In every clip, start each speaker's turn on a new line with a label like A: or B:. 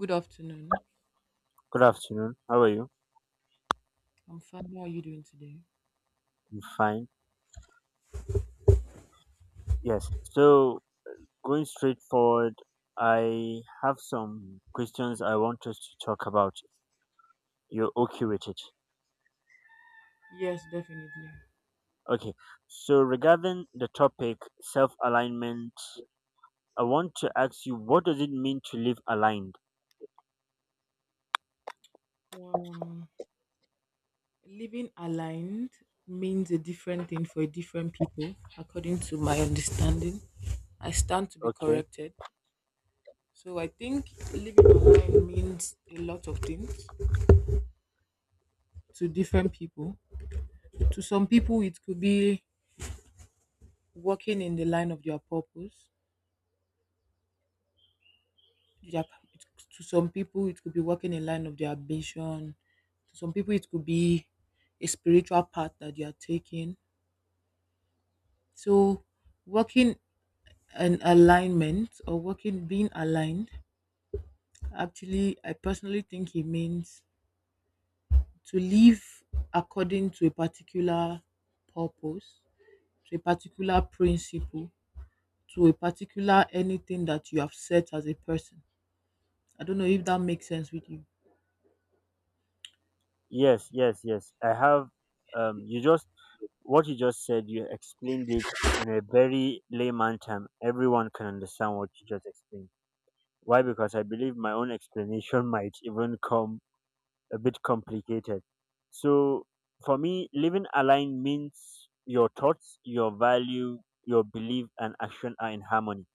A: Good afternoon.
B: Good afternoon. How are you?
A: I'm fine. How are you doing today?
B: I'm fine. Yes. So, going straight forward, I have some questions I want us to talk about. You're okay with it?
A: Yes, definitely.
B: Okay. So, regarding the topic self alignment, I want to ask you what does it mean to live aligned?
A: Um, Living aligned means a different thing for different people, according to my understanding. I stand to be
B: Okay.
A: corrected. So I think living aligned means a lot of things to different people. To some people, it could be working in the line of their purpose. to it, to some people it could be walking a line of their ambition. To some people it could be a spiritual path that you are taking. So working an alignment, or working being aligned, actually I personally think it means to live according to a particular purpose, to a particular principle, to a particular anything that you have set as a person. I don't know if that makes sense with you.
B: Yes, yes, yes. I have, you just, what you just said, you explained it in a very layman term. Everyone can understand what you just explained. Why? Because I believe my own explanation might even come a bit complicated. So for me, living aligned means your thoughts, your value, your belief, and action are in harmony.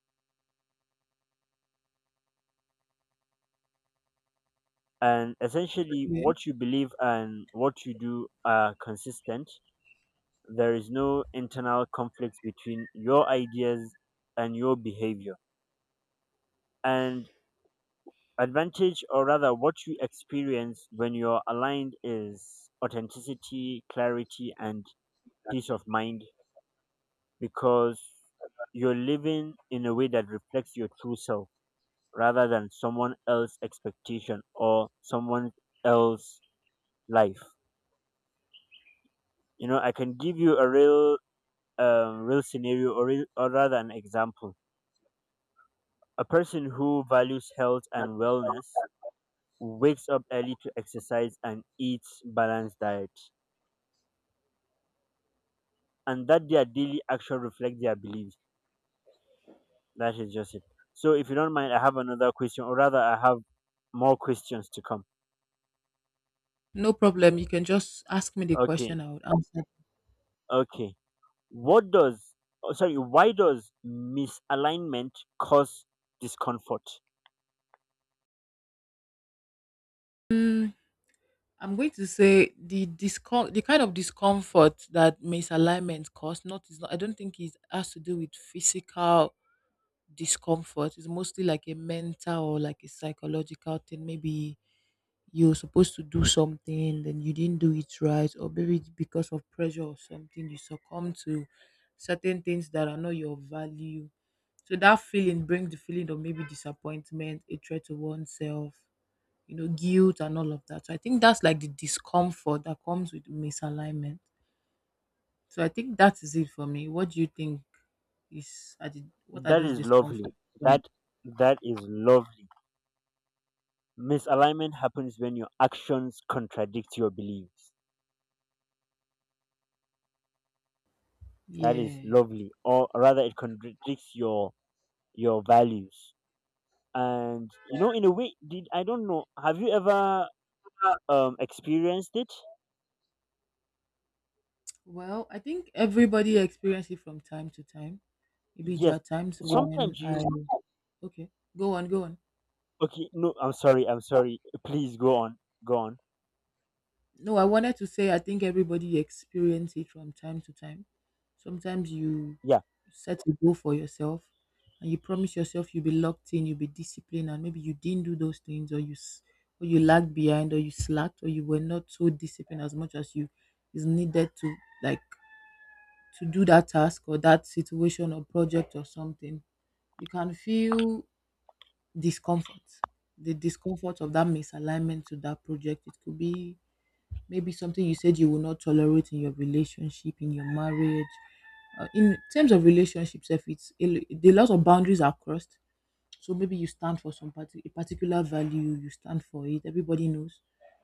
B: And essentially,
A: Okay.
B: what you believe and what you do are consistent. There is no internal conflicts between your ideas and your behavior. And advantage, or rather, what you experience when you're aligned is authenticity, clarity, and peace of mind because you're living in a way that reflects your true self rather than someone else's expectation or someone else's life. You know, I can give you a real scenario or rather an example. A person who values health and wellness wakes up early to exercise and eats balanced diet. And that their daily action reflects their beliefs. That is just it. So, if you don't mind, I have another question, or rather, I have more questions to come.
A: No problem. You can just ask me the
B: Okay,
A: question. I would answer.
B: okay. What does, oh, sorry, why does misalignment cause discomfort?
A: I'm going to say the kind of discomfort that misalignment cause. Not is not. I don't think it has to do with physical discomfort. It's mostly like a mental or like a psychological thing. Maybe you're supposed to do something, then you didn't do it right, or maybe it's because of pressure or something, you succumb to certain things that are not your value. So that feeling brings the feeling of maybe disappointment, a threat to oneself, you know, guilt and all of that. So I think that's like the discomfort that comes with misalignment. So I think that is it for me. What do you think what are
B: That
A: those
B: is lovely.
A: discomforts?
B: That that is lovely. Misalignment happens when your actions contradict your beliefs. That is
A: Yeah.
B: lovely, or rather, it contradicts your values. And you know, in a way, did I don't know. Have you ever experienced it?
A: Well, I think everybody experiences it from time to time. Maybe there are
B: Yes.
A: times when
B: Sometimes
A: I
B: you
A: okay, go on.
B: okay, no, I'm sorry. Please go on. Go on.
A: No, I wanted to say I think everybody experience it from time to time. Sometimes you
B: Yeah,
A: set a goal for yourself, and you promise yourself you'll be locked in, you'll be disciplined, and maybe you didn't do those things, or or you lagged behind, or you slacked, or you were not so disciplined as much as you is needed to, like, to do that task or that situation or project or something. You can feel discomfort. The discomfort of that misalignment to that project. It could be maybe something you said you will not tolerate in your relationship, in your marriage. In terms of relationships, if it's a lot of boundaries are crossed, so maybe you stand for some parti a particular value, you stand for it. Everybody knows,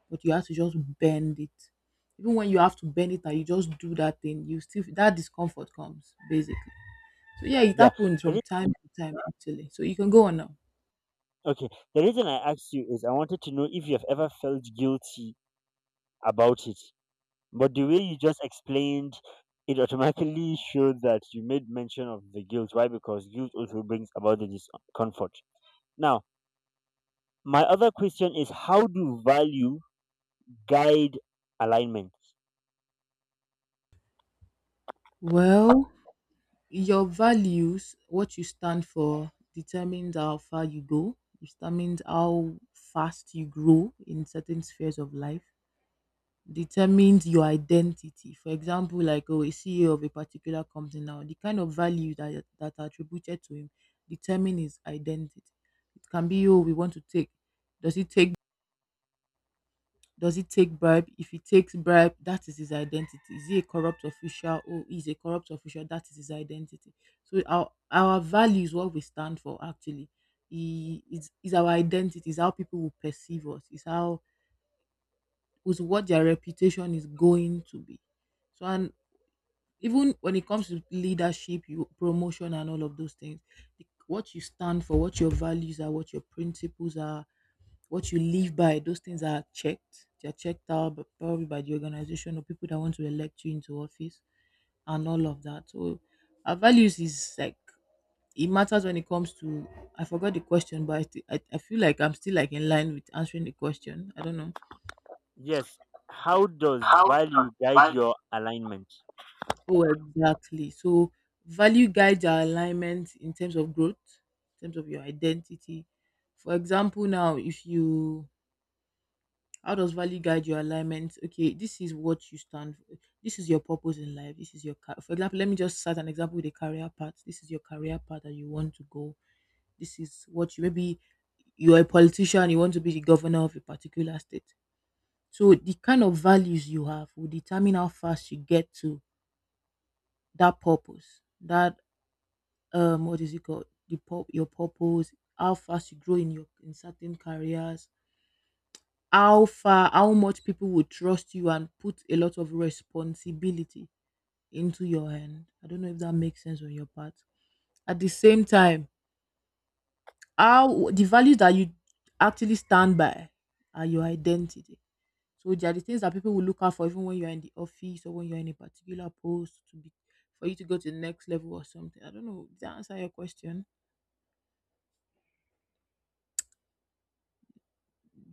A: but you have to just bend it. Even when you have to bend it and you just do that thing, you still that discomfort comes basically. So yeah, it
B: yeah.
A: happens
B: The
A: from
B: re-
A: time to time actually. So you can go on now.
B: okay. The reason I asked you is I wanted to know if you have ever felt guilty about it. But the way you just explained it automatically showed that you made mention of the guilt. Why? Because guilt also brings about the discomfort. Now, my other question is how do value guide alignment?
A: Well. Your values, what you stand for, determines how far you go, determines how fast you grow in certain spheres of life, determines your identity. For example, like oh, a CEO of a particular company now, the kind of value that that are attributed to him determine his identity. It can be oh, we want to take. Does he take does he take bribe? If he takes bribe, that is his identity. Is he a corrupt official? Oh, he's a corrupt official. That is his identity. So our values, what we stand for, actually, is our identity. Is how people will perceive us. Is how is what their reputation is going to be. So and even when it comes to leadership, you promotion, and all of those things, what you stand for, what your values are, what your principles are, what you live by, those things are checked. They're checked out, but probably by the organization or people that want to elect you into office and all of that. So our values is like it matters when it comes to. I forgot the question, but I feel like I'm still like in line with answering the question. I don't know.
B: Yes. How does
A: How does
B: value guide
A: value
B: your alignment?
A: oh, exactly. So value guides our alignment in terms of growth, in terms of your identity. For example, now if you how does value guide your alignment? Okay, this is what you stand for. This is your purpose in life. This is your car. For example, let me just start an example with a career path. This is your career path that you want to go. This is what you maybe you're a politician, you want to be the governor of a particular state. So the kind of values you have will determine how fast you get to that purpose. That what is it called? Your purpose, how fast you grow in your in certain careers, how far how much people would trust you and put a lot of responsibility into your hand. I don't know if that makes sense on your part. At the same time, how the values that you actually stand by are your identity. So there are the things that people will look out for even when you're in the office or when you're in a particular post to be for you to go to the next level or something. I don't know, did I answer your question?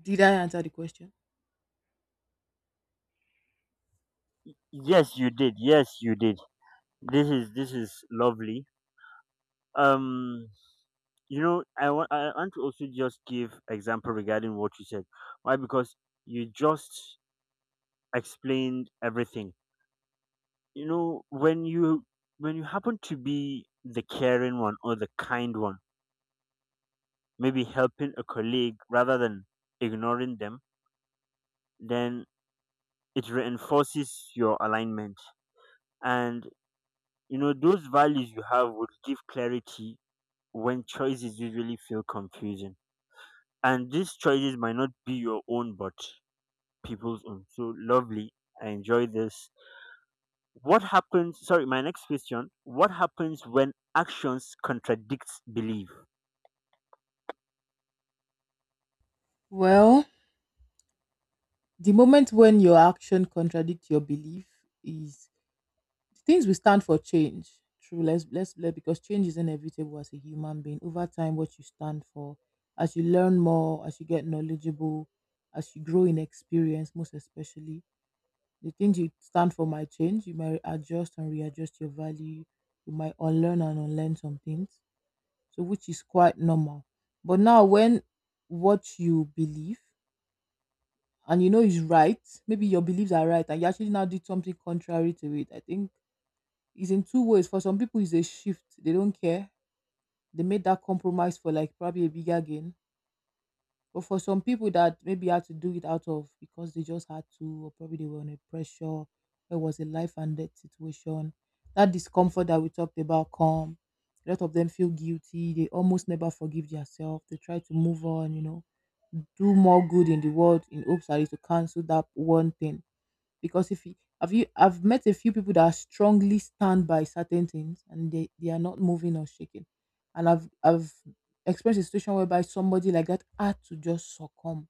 A: Did I answer the question?
B: Yes, you did. Yes, you did. This is lovely. Um, you know, I want to also just give example regarding what you said. Why? Because you just explained everything. You know, when you happen to be the caring one or the kind one, maybe helping a colleague rather than ignoring them, then it reinforces your alignment. And you know, those values you have would give clarity when choices usually feel confusing. And these choices might not be your own, but people's own. So lovely. I enjoy this. What happens? Sorry, my next question. What happens when actions contradicts belief?
A: Well, the moment when your action contradicts your belief is the things we stand for change. True, let because change is inevitable as a human being. Over time, what you stand for, as you learn more, as you get knowledgeable, as you grow in experience, most especially, the things you stand for might change. You might adjust and readjust your value. You might unlearn and unlearn some things. So which is quite normal. But now when what you believe and you know is right, maybe your beliefs are right and you actually now did something contrary to it. I think it's in two ways. For some people, it's a shift. They don't care. They made that compromise for like probably a bigger gain. But for some people that maybe had to do it out of because they just had to, or probably they were under pressure, it was a life and death situation. That discomfort that we talked about come. A lot of them feel guilty. They almost never forgive themselves. They try to move on, you know, do more good in the world in hopes that it to cancel that one thing because if you have you I've met a few people that strongly stand by certain things and they are not moving or shaking. And I've experienced a situation whereby somebody like that had to just succumb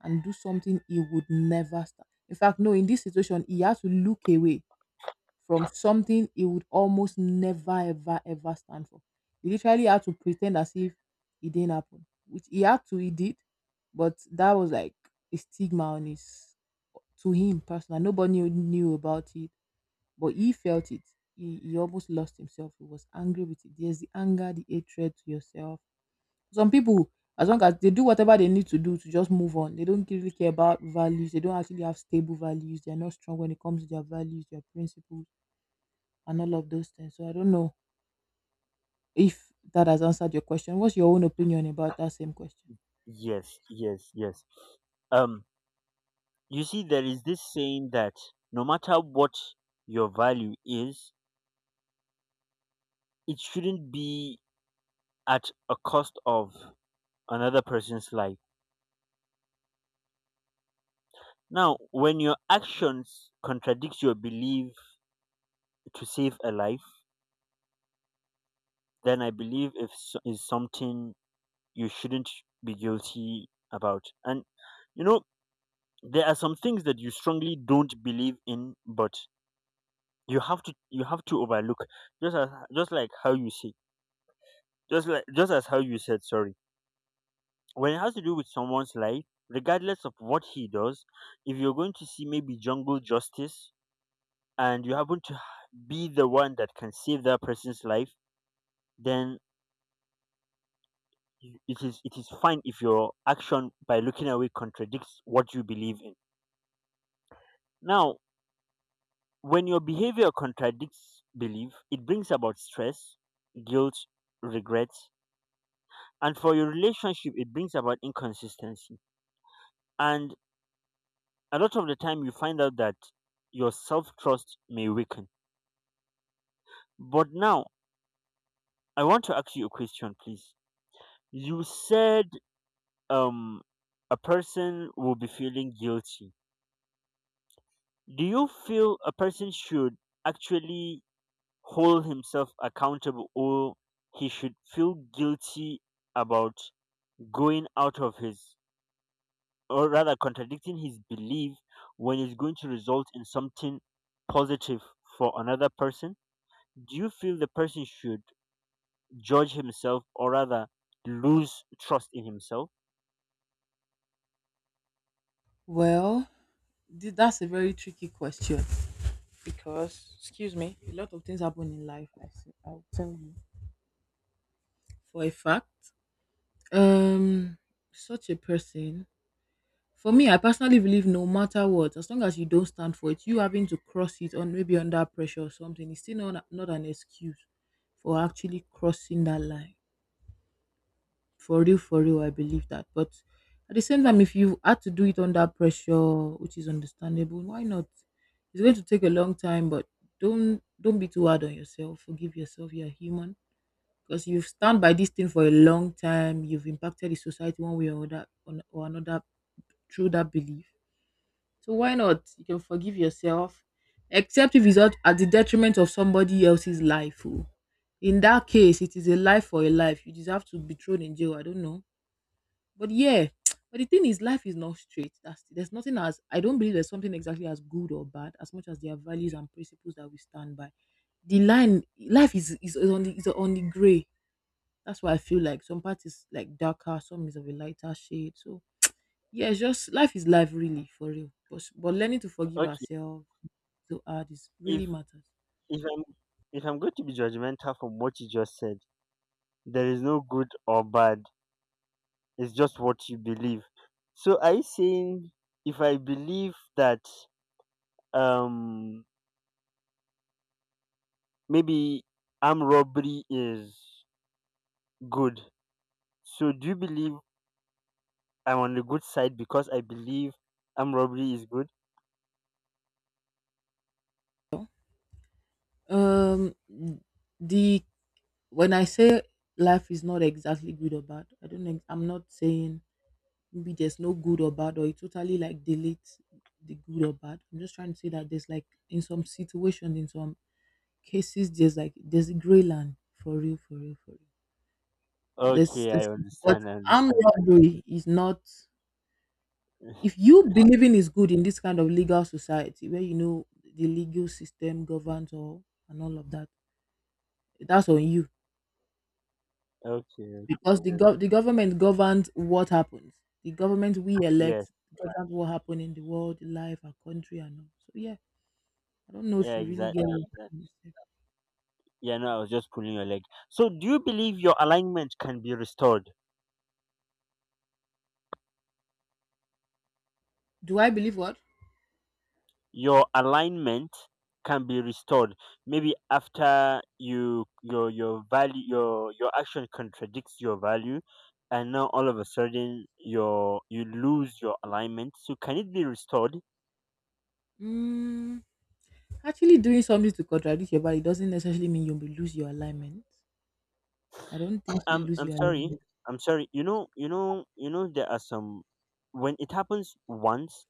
A: and do something he would never start. In fact, no, in this situation he had to look away from something he would almost never ever ever stand for. He literally had to pretend as if it didn't happen, which he had to, he did, but that was like a stigma on his to him personally. Knew about it, but he felt it. He almost lost himself. He was angry with it. There's the anger, the hatred to yourself. Some people, as long as they do whatever they need to do to just move on, they don't really care about values. They don't actually have stable values. They are not strong when it comes to their values, their principles and all of those things. So I don't know if that has answered your question. What's your own opinion about that same question?
B: Yes, yes, yes. Um, you see, there is this saying that no matter what your value is, it shouldn't be at a cost of another person's life. Now, when your actions contradict your belief to save a life, then I believe if s- is something you shouldn't be guilty about. And you know, there are some things that you strongly don't believe in, but you have to overlook. Just as just like how you say, just like just as how you said, sorry. When it has to do with someone's life, regardless of what he does, if you're going to see maybe jungle justice and you happen to be the one that can save that person's life, then it is fine if your action by looking away contradicts what you believe in. Now when your behavior contradicts belief it brings about stress, guilt, regrets, and for your relationship it brings about inconsistency, and a lot of the time you find out that your self-trust may weaken. But now I want to ask you a question, please. You said, um a person will be feeling guilty. Do you feel a person should actually hold himself accountable, or he should feel guilty about going out of his, or rather contradicting his belief, when it's going to result in something positive for another person? Do you feel the person should judge himself, or rather lose trust in himself?
A: Well, that's a very tricky question because, excuse me, a lot of things happen in life. I see, I'll tell you for a fact. Um, Such a person, for me, I personally believe no matter what, as long as you don't stand for it, you having to cross it on maybe under pressure or something, it's still not an excuse for actually crossing that line for real for real. I believe that, but at the same time if you had to do it under pressure, which is understandable, why not? It's going to take a long time, but don't be too hard on yourself. Forgive yourself, you're human, because you've stand by this thing for a long time, you've impacted the society one way or or another through that belief. So why not, you can forgive yourself, except if it's not at the detriment of somebody else's life oh. In that case it is a life for a life, you deserve to be thrown in jail. I don't know, but yeah, but the thing is, life is not straight. That's there's nothing as I don't believe there's something exactly as good or bad as much as there are values and principles that we stand by. The line life is on the gray. That's why I feel like some part is like darker, some is of a lighter shade. So yeah, it's just life is life really for real. But learning to forgive
B: Okay.
A: ourselves to add is
B: if
A: really matters.
B: if i'm if i'm going to be judgmental from what you just said, there is no good or bad, it's just what you believe. So are you saying if I believe that, um maybe, armed robbery is good, so do you believe I'm on the good side because I believe armed robbery is good?
A: Um, the When I say life is not exactly good or bad, I don't. I'm not saying maybe there's no good or bad or it totally like deletes the good or bad. I'm just trying to say that there's like in some situations, in some cases there's like there's a gray land for real for real for real. this,
B: Okay, I
A: this But
B: understand, I
A: armed
B: understand.
A: robbery is not. If you believing is good in this kind of legal society where you know the legal system governs all and all of that, that's on you.
B: Okay.
A: Because the government governs what happens. The government we
B: Yes.
A: elect governs what happen in the world life our country and all, so yeah, I don't know if
B: Yeah,
A: you really get
B: exactly,
A: what I'm
B: exactly.
A: trying to say.
B: Yeah, no, I was just pulling your leg. So do you believe your alignment can be restored?
A: Do I believe what?
B: Your alignment can be restored maybe after your action contradicts your value, and now all of a sudden you lose your alignment, so can it be restored?
A: Mm, Actually, doing something to contradict your body doesn't necessarily mean you will lose your alignment. I don't think you lose
B: I'm
A: your
B: sorry,
A: alignment.
B: I'm sorry. You know, there are some, when it happens once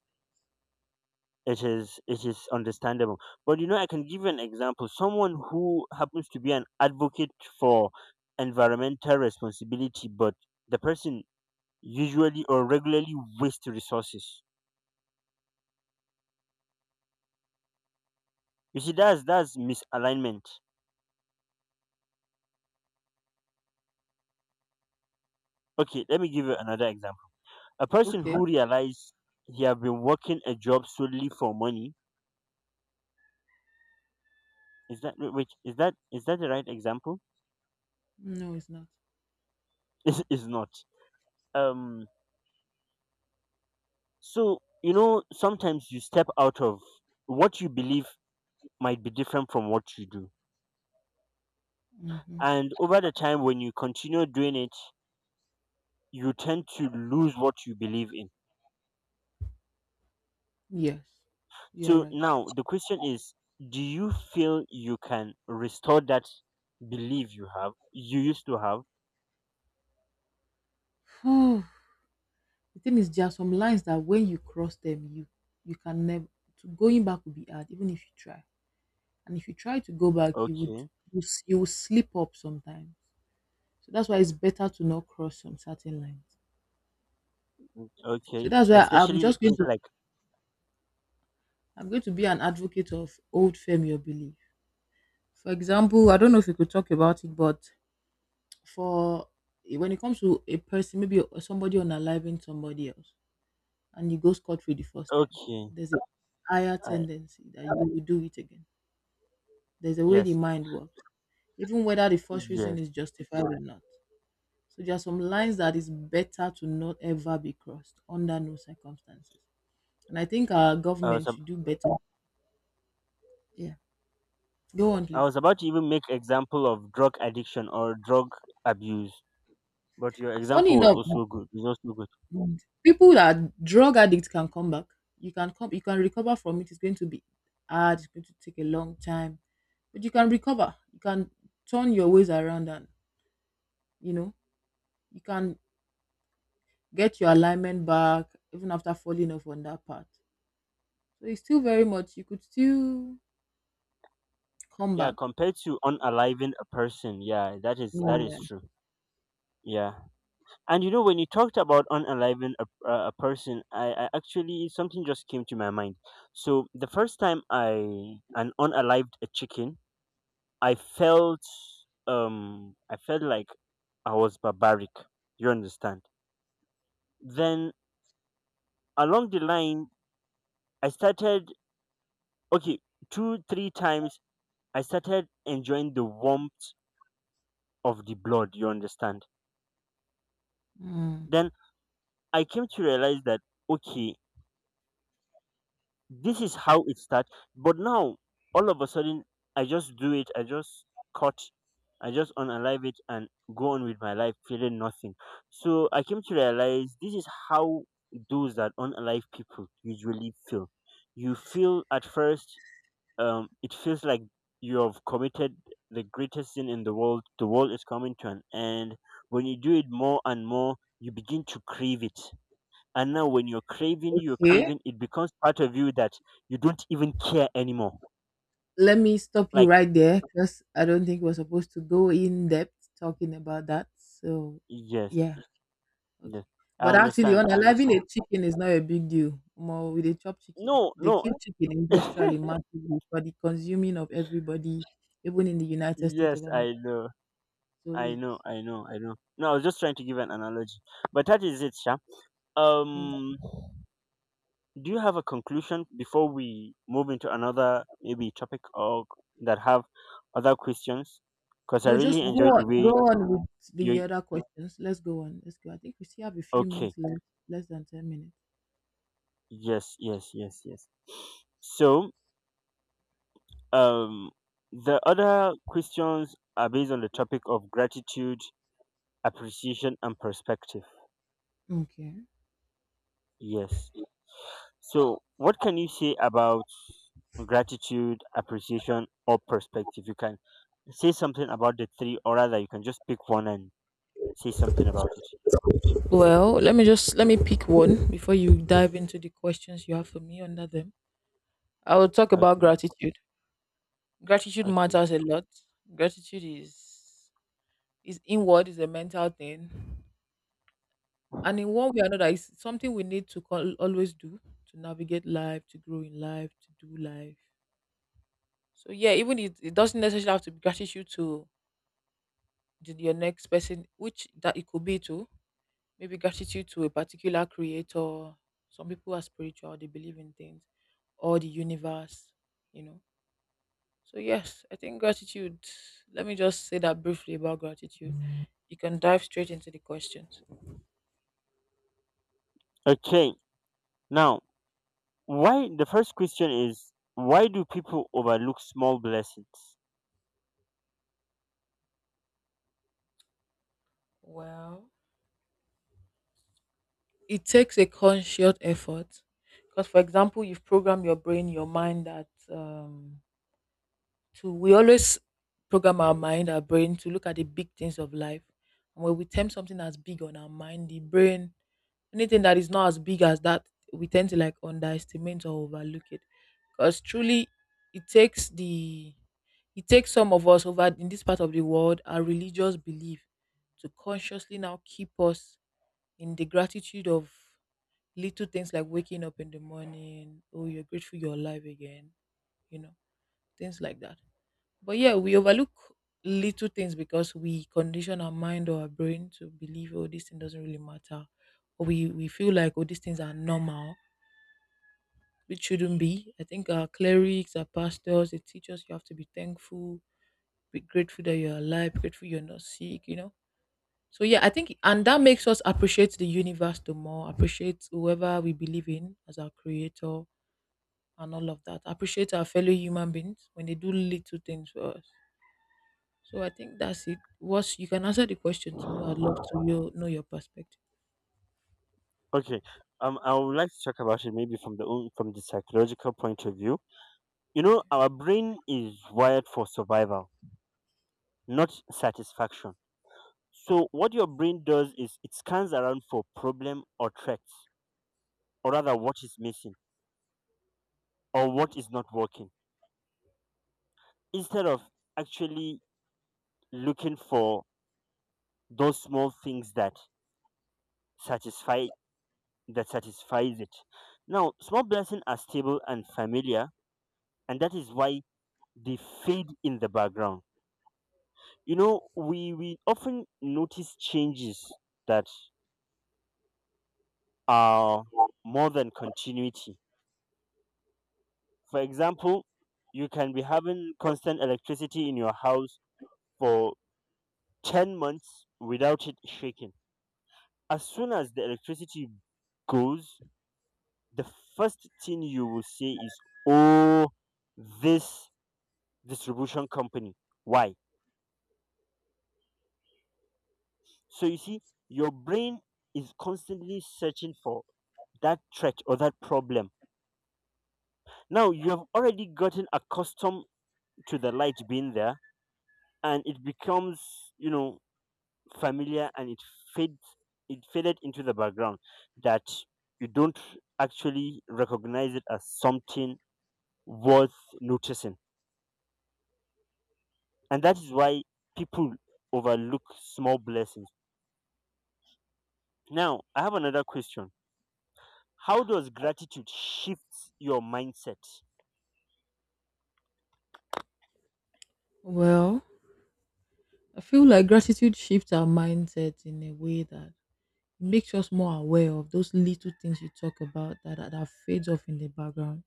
B: it is understandable, but I can give you an example. Someone who happens to be an advocate for environmental responsibility, but the person usually or regularly waste resources. You see, that's misalignment. Okay, let me give you another example. A person
A: Okay.
B: who realizes he have been working a job solely for money, is that, is that the right example?
A: No, it's not.
B: Is not. Um. So you know sometimes you step out of what you believe might be different from what you do,
A: Hmm.
B: and over the time when you continue doing it, you tend to lose what you believe in.
A: Yes, you're
B: So
A: right.
B: now the question is, do you feel you can restore that belief you have, you used to have?
A: Oh, the thing is, there are some lines that when you cross them, you can never. To going back would be hard, even if you try. And if you try to go back, you would
B: Okay,
A: you will slip up sometimes. So that's why it's better to not cross some certain lines.
B: mm,
A: So
B: okay,
A: that's why
B: especially the things like
A: I'm going to be an advocate of old failure belief. For example, I don't know if you could talk about it, but for when it comes to a person, maybe somebody unaliving somebody else, and you go scot free the first time,
B: okay,
A: there's a higher
B: I,
A: tendency that you will do it again. There's a way the
B: yes,
A: mind works, even whether the first reason
B: yes.
A: is justified or not. So there are some lines that is better to not ever be crossed under no circumstances. And I think our
B: I was
A: government
B: ab-
A: should do better. Yeah, go on,
B: I
A: please.
B: was about to even make example of drug addiction or drug abuse, but your
A: Funny
B: example was
A: enough,
B: also good. Is also good.
A: mm, people that are drug addicts can come back. You can recover from it. It's going to be hard, it's going to take a long time. But you can recover. You can turn your ways around and you know, you can get your alignment back even after falling off on that path. So it's still very much you could still come
B: Yeah,
A: back.
B: compared to unaliving a person, yeah, that is
A: Yeah.
B: true. Yeah. And you know, when you talked about unaliving a person, I actually something just came to my mind. So the first time I an unalived a chicken, I felt, like I was barbaric. You understand? Then along the line, I started, okay two three times. I started enjoying the warmth of the blood. You understand?
A: Mm.
B: Then I came to realize that, okay, this is how it starts. But now, all of a sudden, I just do it. I just cut. I just unalive it and go on with my life, feeling nothing. So I came to realize this is how those that unalive people usually feel. You feel at first, it feels like you have committed the greatest sin in the world. The world is coming to an end. When you do it more and more, you begin to crave it, and now when you're craving, you're
A: Okay.
B: craving, it becomes part of you that you don't even care anymore.
A: Let me stop you
B: Like,
A: right there because I don't think we're supposed to go in depth talking about that. So
B: yes,
A: yeah. Okay.
B: yes. I
A: But actually,
B: understand, I
A: unaliving
B: understand.
A: a chicken is not a big deal. More with a chop chicken.
B: No,
A: They
B: no.
A: kill chicken industrially massively for the consuming of everybody, even in the United States
B: Yes,
A: of
B: I
A: America.
B: know.
A: So
B: I know,
A: yes.
B: I know, I know. No, I was just trying to give an analogy. But that is it, Sha.
A: Mm.
B: Um do you have a conclusion before we move into another maybe topic, or that have other questions? Because I
A: No, just
B: really
A: go
B: enjoyed
A: on,
B: the
A: go
B: way
A: on with the
B: you
A: other questions. Let's go on. Let's go. I think we still have a few
B: okay.
A: minutes left, less than 10 minutes.
B: Yes, yes, yes, yes. So, Um, the other questions are based on the topic of gratitude, appreciation, and perspective.
A: Okay.
B: Yes. So, what can you say about gratitude, appreciation, or perspective? You can say something about the three, or rather, you can just pick one and say something about it.
A: Well, let me pick one before you dive into the questions you have for me under them. I will talk about
B: Okay.
A: gratitude. Gratitude
B: Okay.
A: matters a lot. Gratitude is inward is a mental thing, and in one way or another it's something we need to call, always do, to navigate life, to grow in life, to do life. So yeah, even it, it doesn't necessarily have to be gratitude to your next person, which that it could be to maybe gratitude to a particular creator. Some people are spiritual, they believe in things or the universe, you know so yes, I think gratitude, let me just say that briefly about gratitude, you can dive straight into the questions.
B: Okay. Now, why the first question is, why do people overlook small blessings?
A: Well, it takes a conscious effort because for example, you've programmed your brain your mind that to we always program our mind our brain to look at the big things of life. And when we tempt something as big on our mind the brain, anything that is not as big as that, we tend to like underestimate or overlook it. Because truly it takes the it takes some of us over in this part of the world our religious belief to consciously now keep us in the gratitude of little things like waking up in the morning, oh you're grateful you're alive again, you know things like that. But yeah, we overlook little things because we condition our mind or our brain to believe, oh this thing doesn't really matter, or we feel like oh these things are normal, which shouldn't be. I think our clerics our pastors, they teach us you have to be thankful, be grateful that you're alive, grateful you're not sick, so yeah, I think and that makes us appreciate the universe the more, appreciate whoever we believe in as our creator and all of that. Appreciate our fellow human beings when they do little things for us. So I think that's it. What's you can answer the question too. I'd love to know your perspective.
B: Okay. I would like to talk about it maybe from from the psychological point of view. You know,
A: Okay.
B: our brain is wired for survival, not satisfaction. So what your brain does is it scans around for problem or threats, or rather what is missing or what is not working, instead of actually looking for those small things that satisfy that satisfies it. Now, small blessings are stable and familiar, and that is why they fade in the background. You know, we often notice changes that are more than continuity. For example, you can be having constant electricity in your house for 10 months without it shaking. As soon as the electricity goes, the first thing you will say is, oh, this distribution company, why? So you see, your brain is constantly searching for that threat or that problem. Now you have already gotten accustomed to the light being there, and it becomes, you know, familiar, and fades it faded into the background, that you don't actually recognize it as something worth noticing. And that is why people overlook small blessings. Now, I have another question. How does gratitude shift your mindset?
A: Well, I feel like gratitude shifts our mindset in a way that makes us more aware of those little things you talk about that that fades off in the background.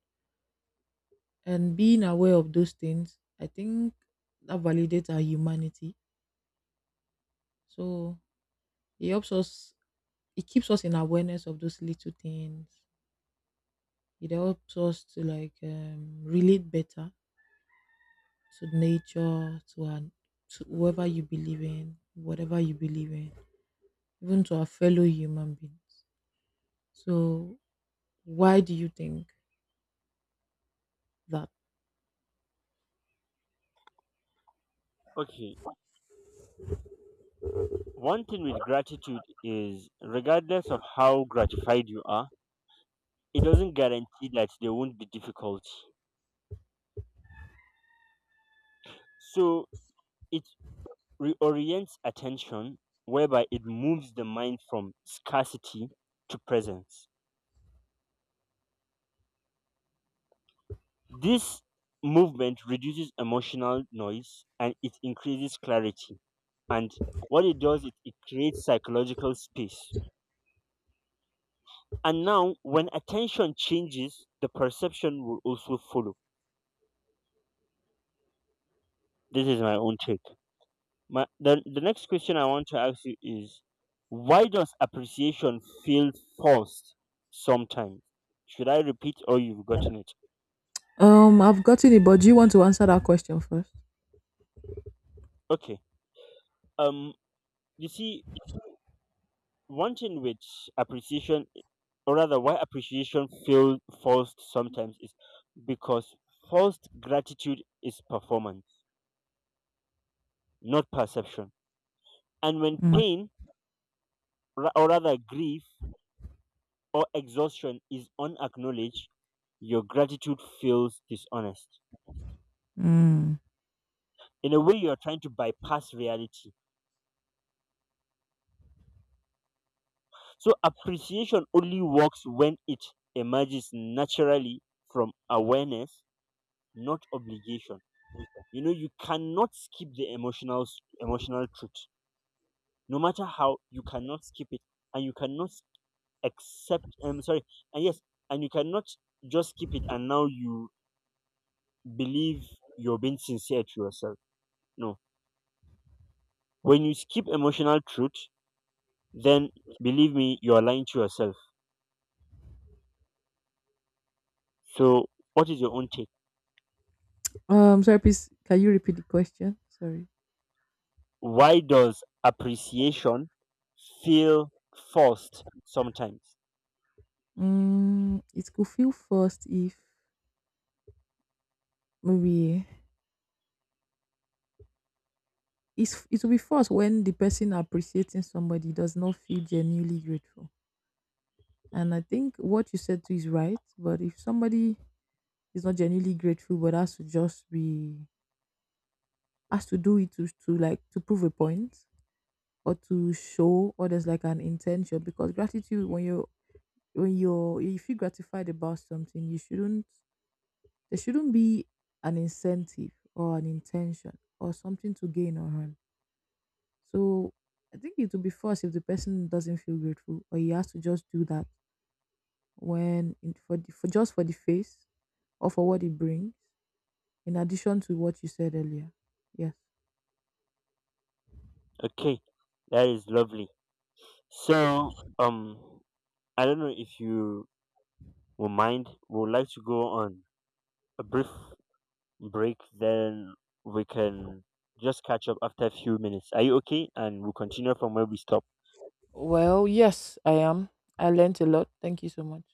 A: And being aware of those things, I think that validates our humanity. So it helps us, it keeps us in awareness of those little things. It helps us to like relate better to nature, to whoever you believe in, whatever you believe in, even to our fellow human beings. So, why do you think that?
B: Okay, one thing with gratitude is, regardless of how gratified you are, it doesn't guarantee that there won't be difficulty. So it reorients attention, whereby it moves the mind from scarcity to presence. This movement reduces emotional noise and it increases clarity. And what it does is it creates psychological space. And now, when attention changes, the perception will also follow. This is my own take. The next question I want to ask you is, why does appreciation feel forced sometimes? Should I repeat or you've gotten it?
A: I've gotten it, but do you want to answer that question first?
B: Okay. Um you see, one thing with appreciation, or rather why appreciation feels forced sometimes, is because forced gratitude is performance, not perception. And when
A: Mm.
B: pain, ra- or rather grief or exhaustion is unacknowledged, your gratitude feels dishonest,
A: Mm.
B: in a way you're trying to bypass reality. So appreciation only works when it emerges naturally from awareness, not obligation. You know, you cannot skip the emotional truth. No matter how, you cannot skip it. And you cannot accept I'm sorry and yes, and you cannot just skip it and now you believe you're being sincere to yourself. No, when you skip emotional truth, then, believe me, you're lying to yourself. So, what is your own take?
A: Sorry, please, can you repeat the question? Sorry.
B: Why does appreciation feel forced sometimes?
A: Mm, it could feel forced if maybe it will be forced when the person appreciating somebody does not feel genuinely grateful. And I think what you said too is right. But if somebody is not genuinely grateful, but has to do it to like to prove a point or to show, or there's like an intention. Because gratitude when you're if you're gratified about something, you shouldn't, there shouldn't be an incentive or an intention or something to gain or harm. So I think it will be first if the person doesn't feel grateful or he has to just do that when for, for just for the face or for what it brings, in addition to what you said earlier. Yes.
B: Okay, that is lovely. So, um, I don't know if you will mind. Would like to go on a brief break, then we can just catch up after a few minutes. Are you okay? And we'll continue from where we stopped.
A: Well, yes, I am. I learnt a lot. Thank you so much.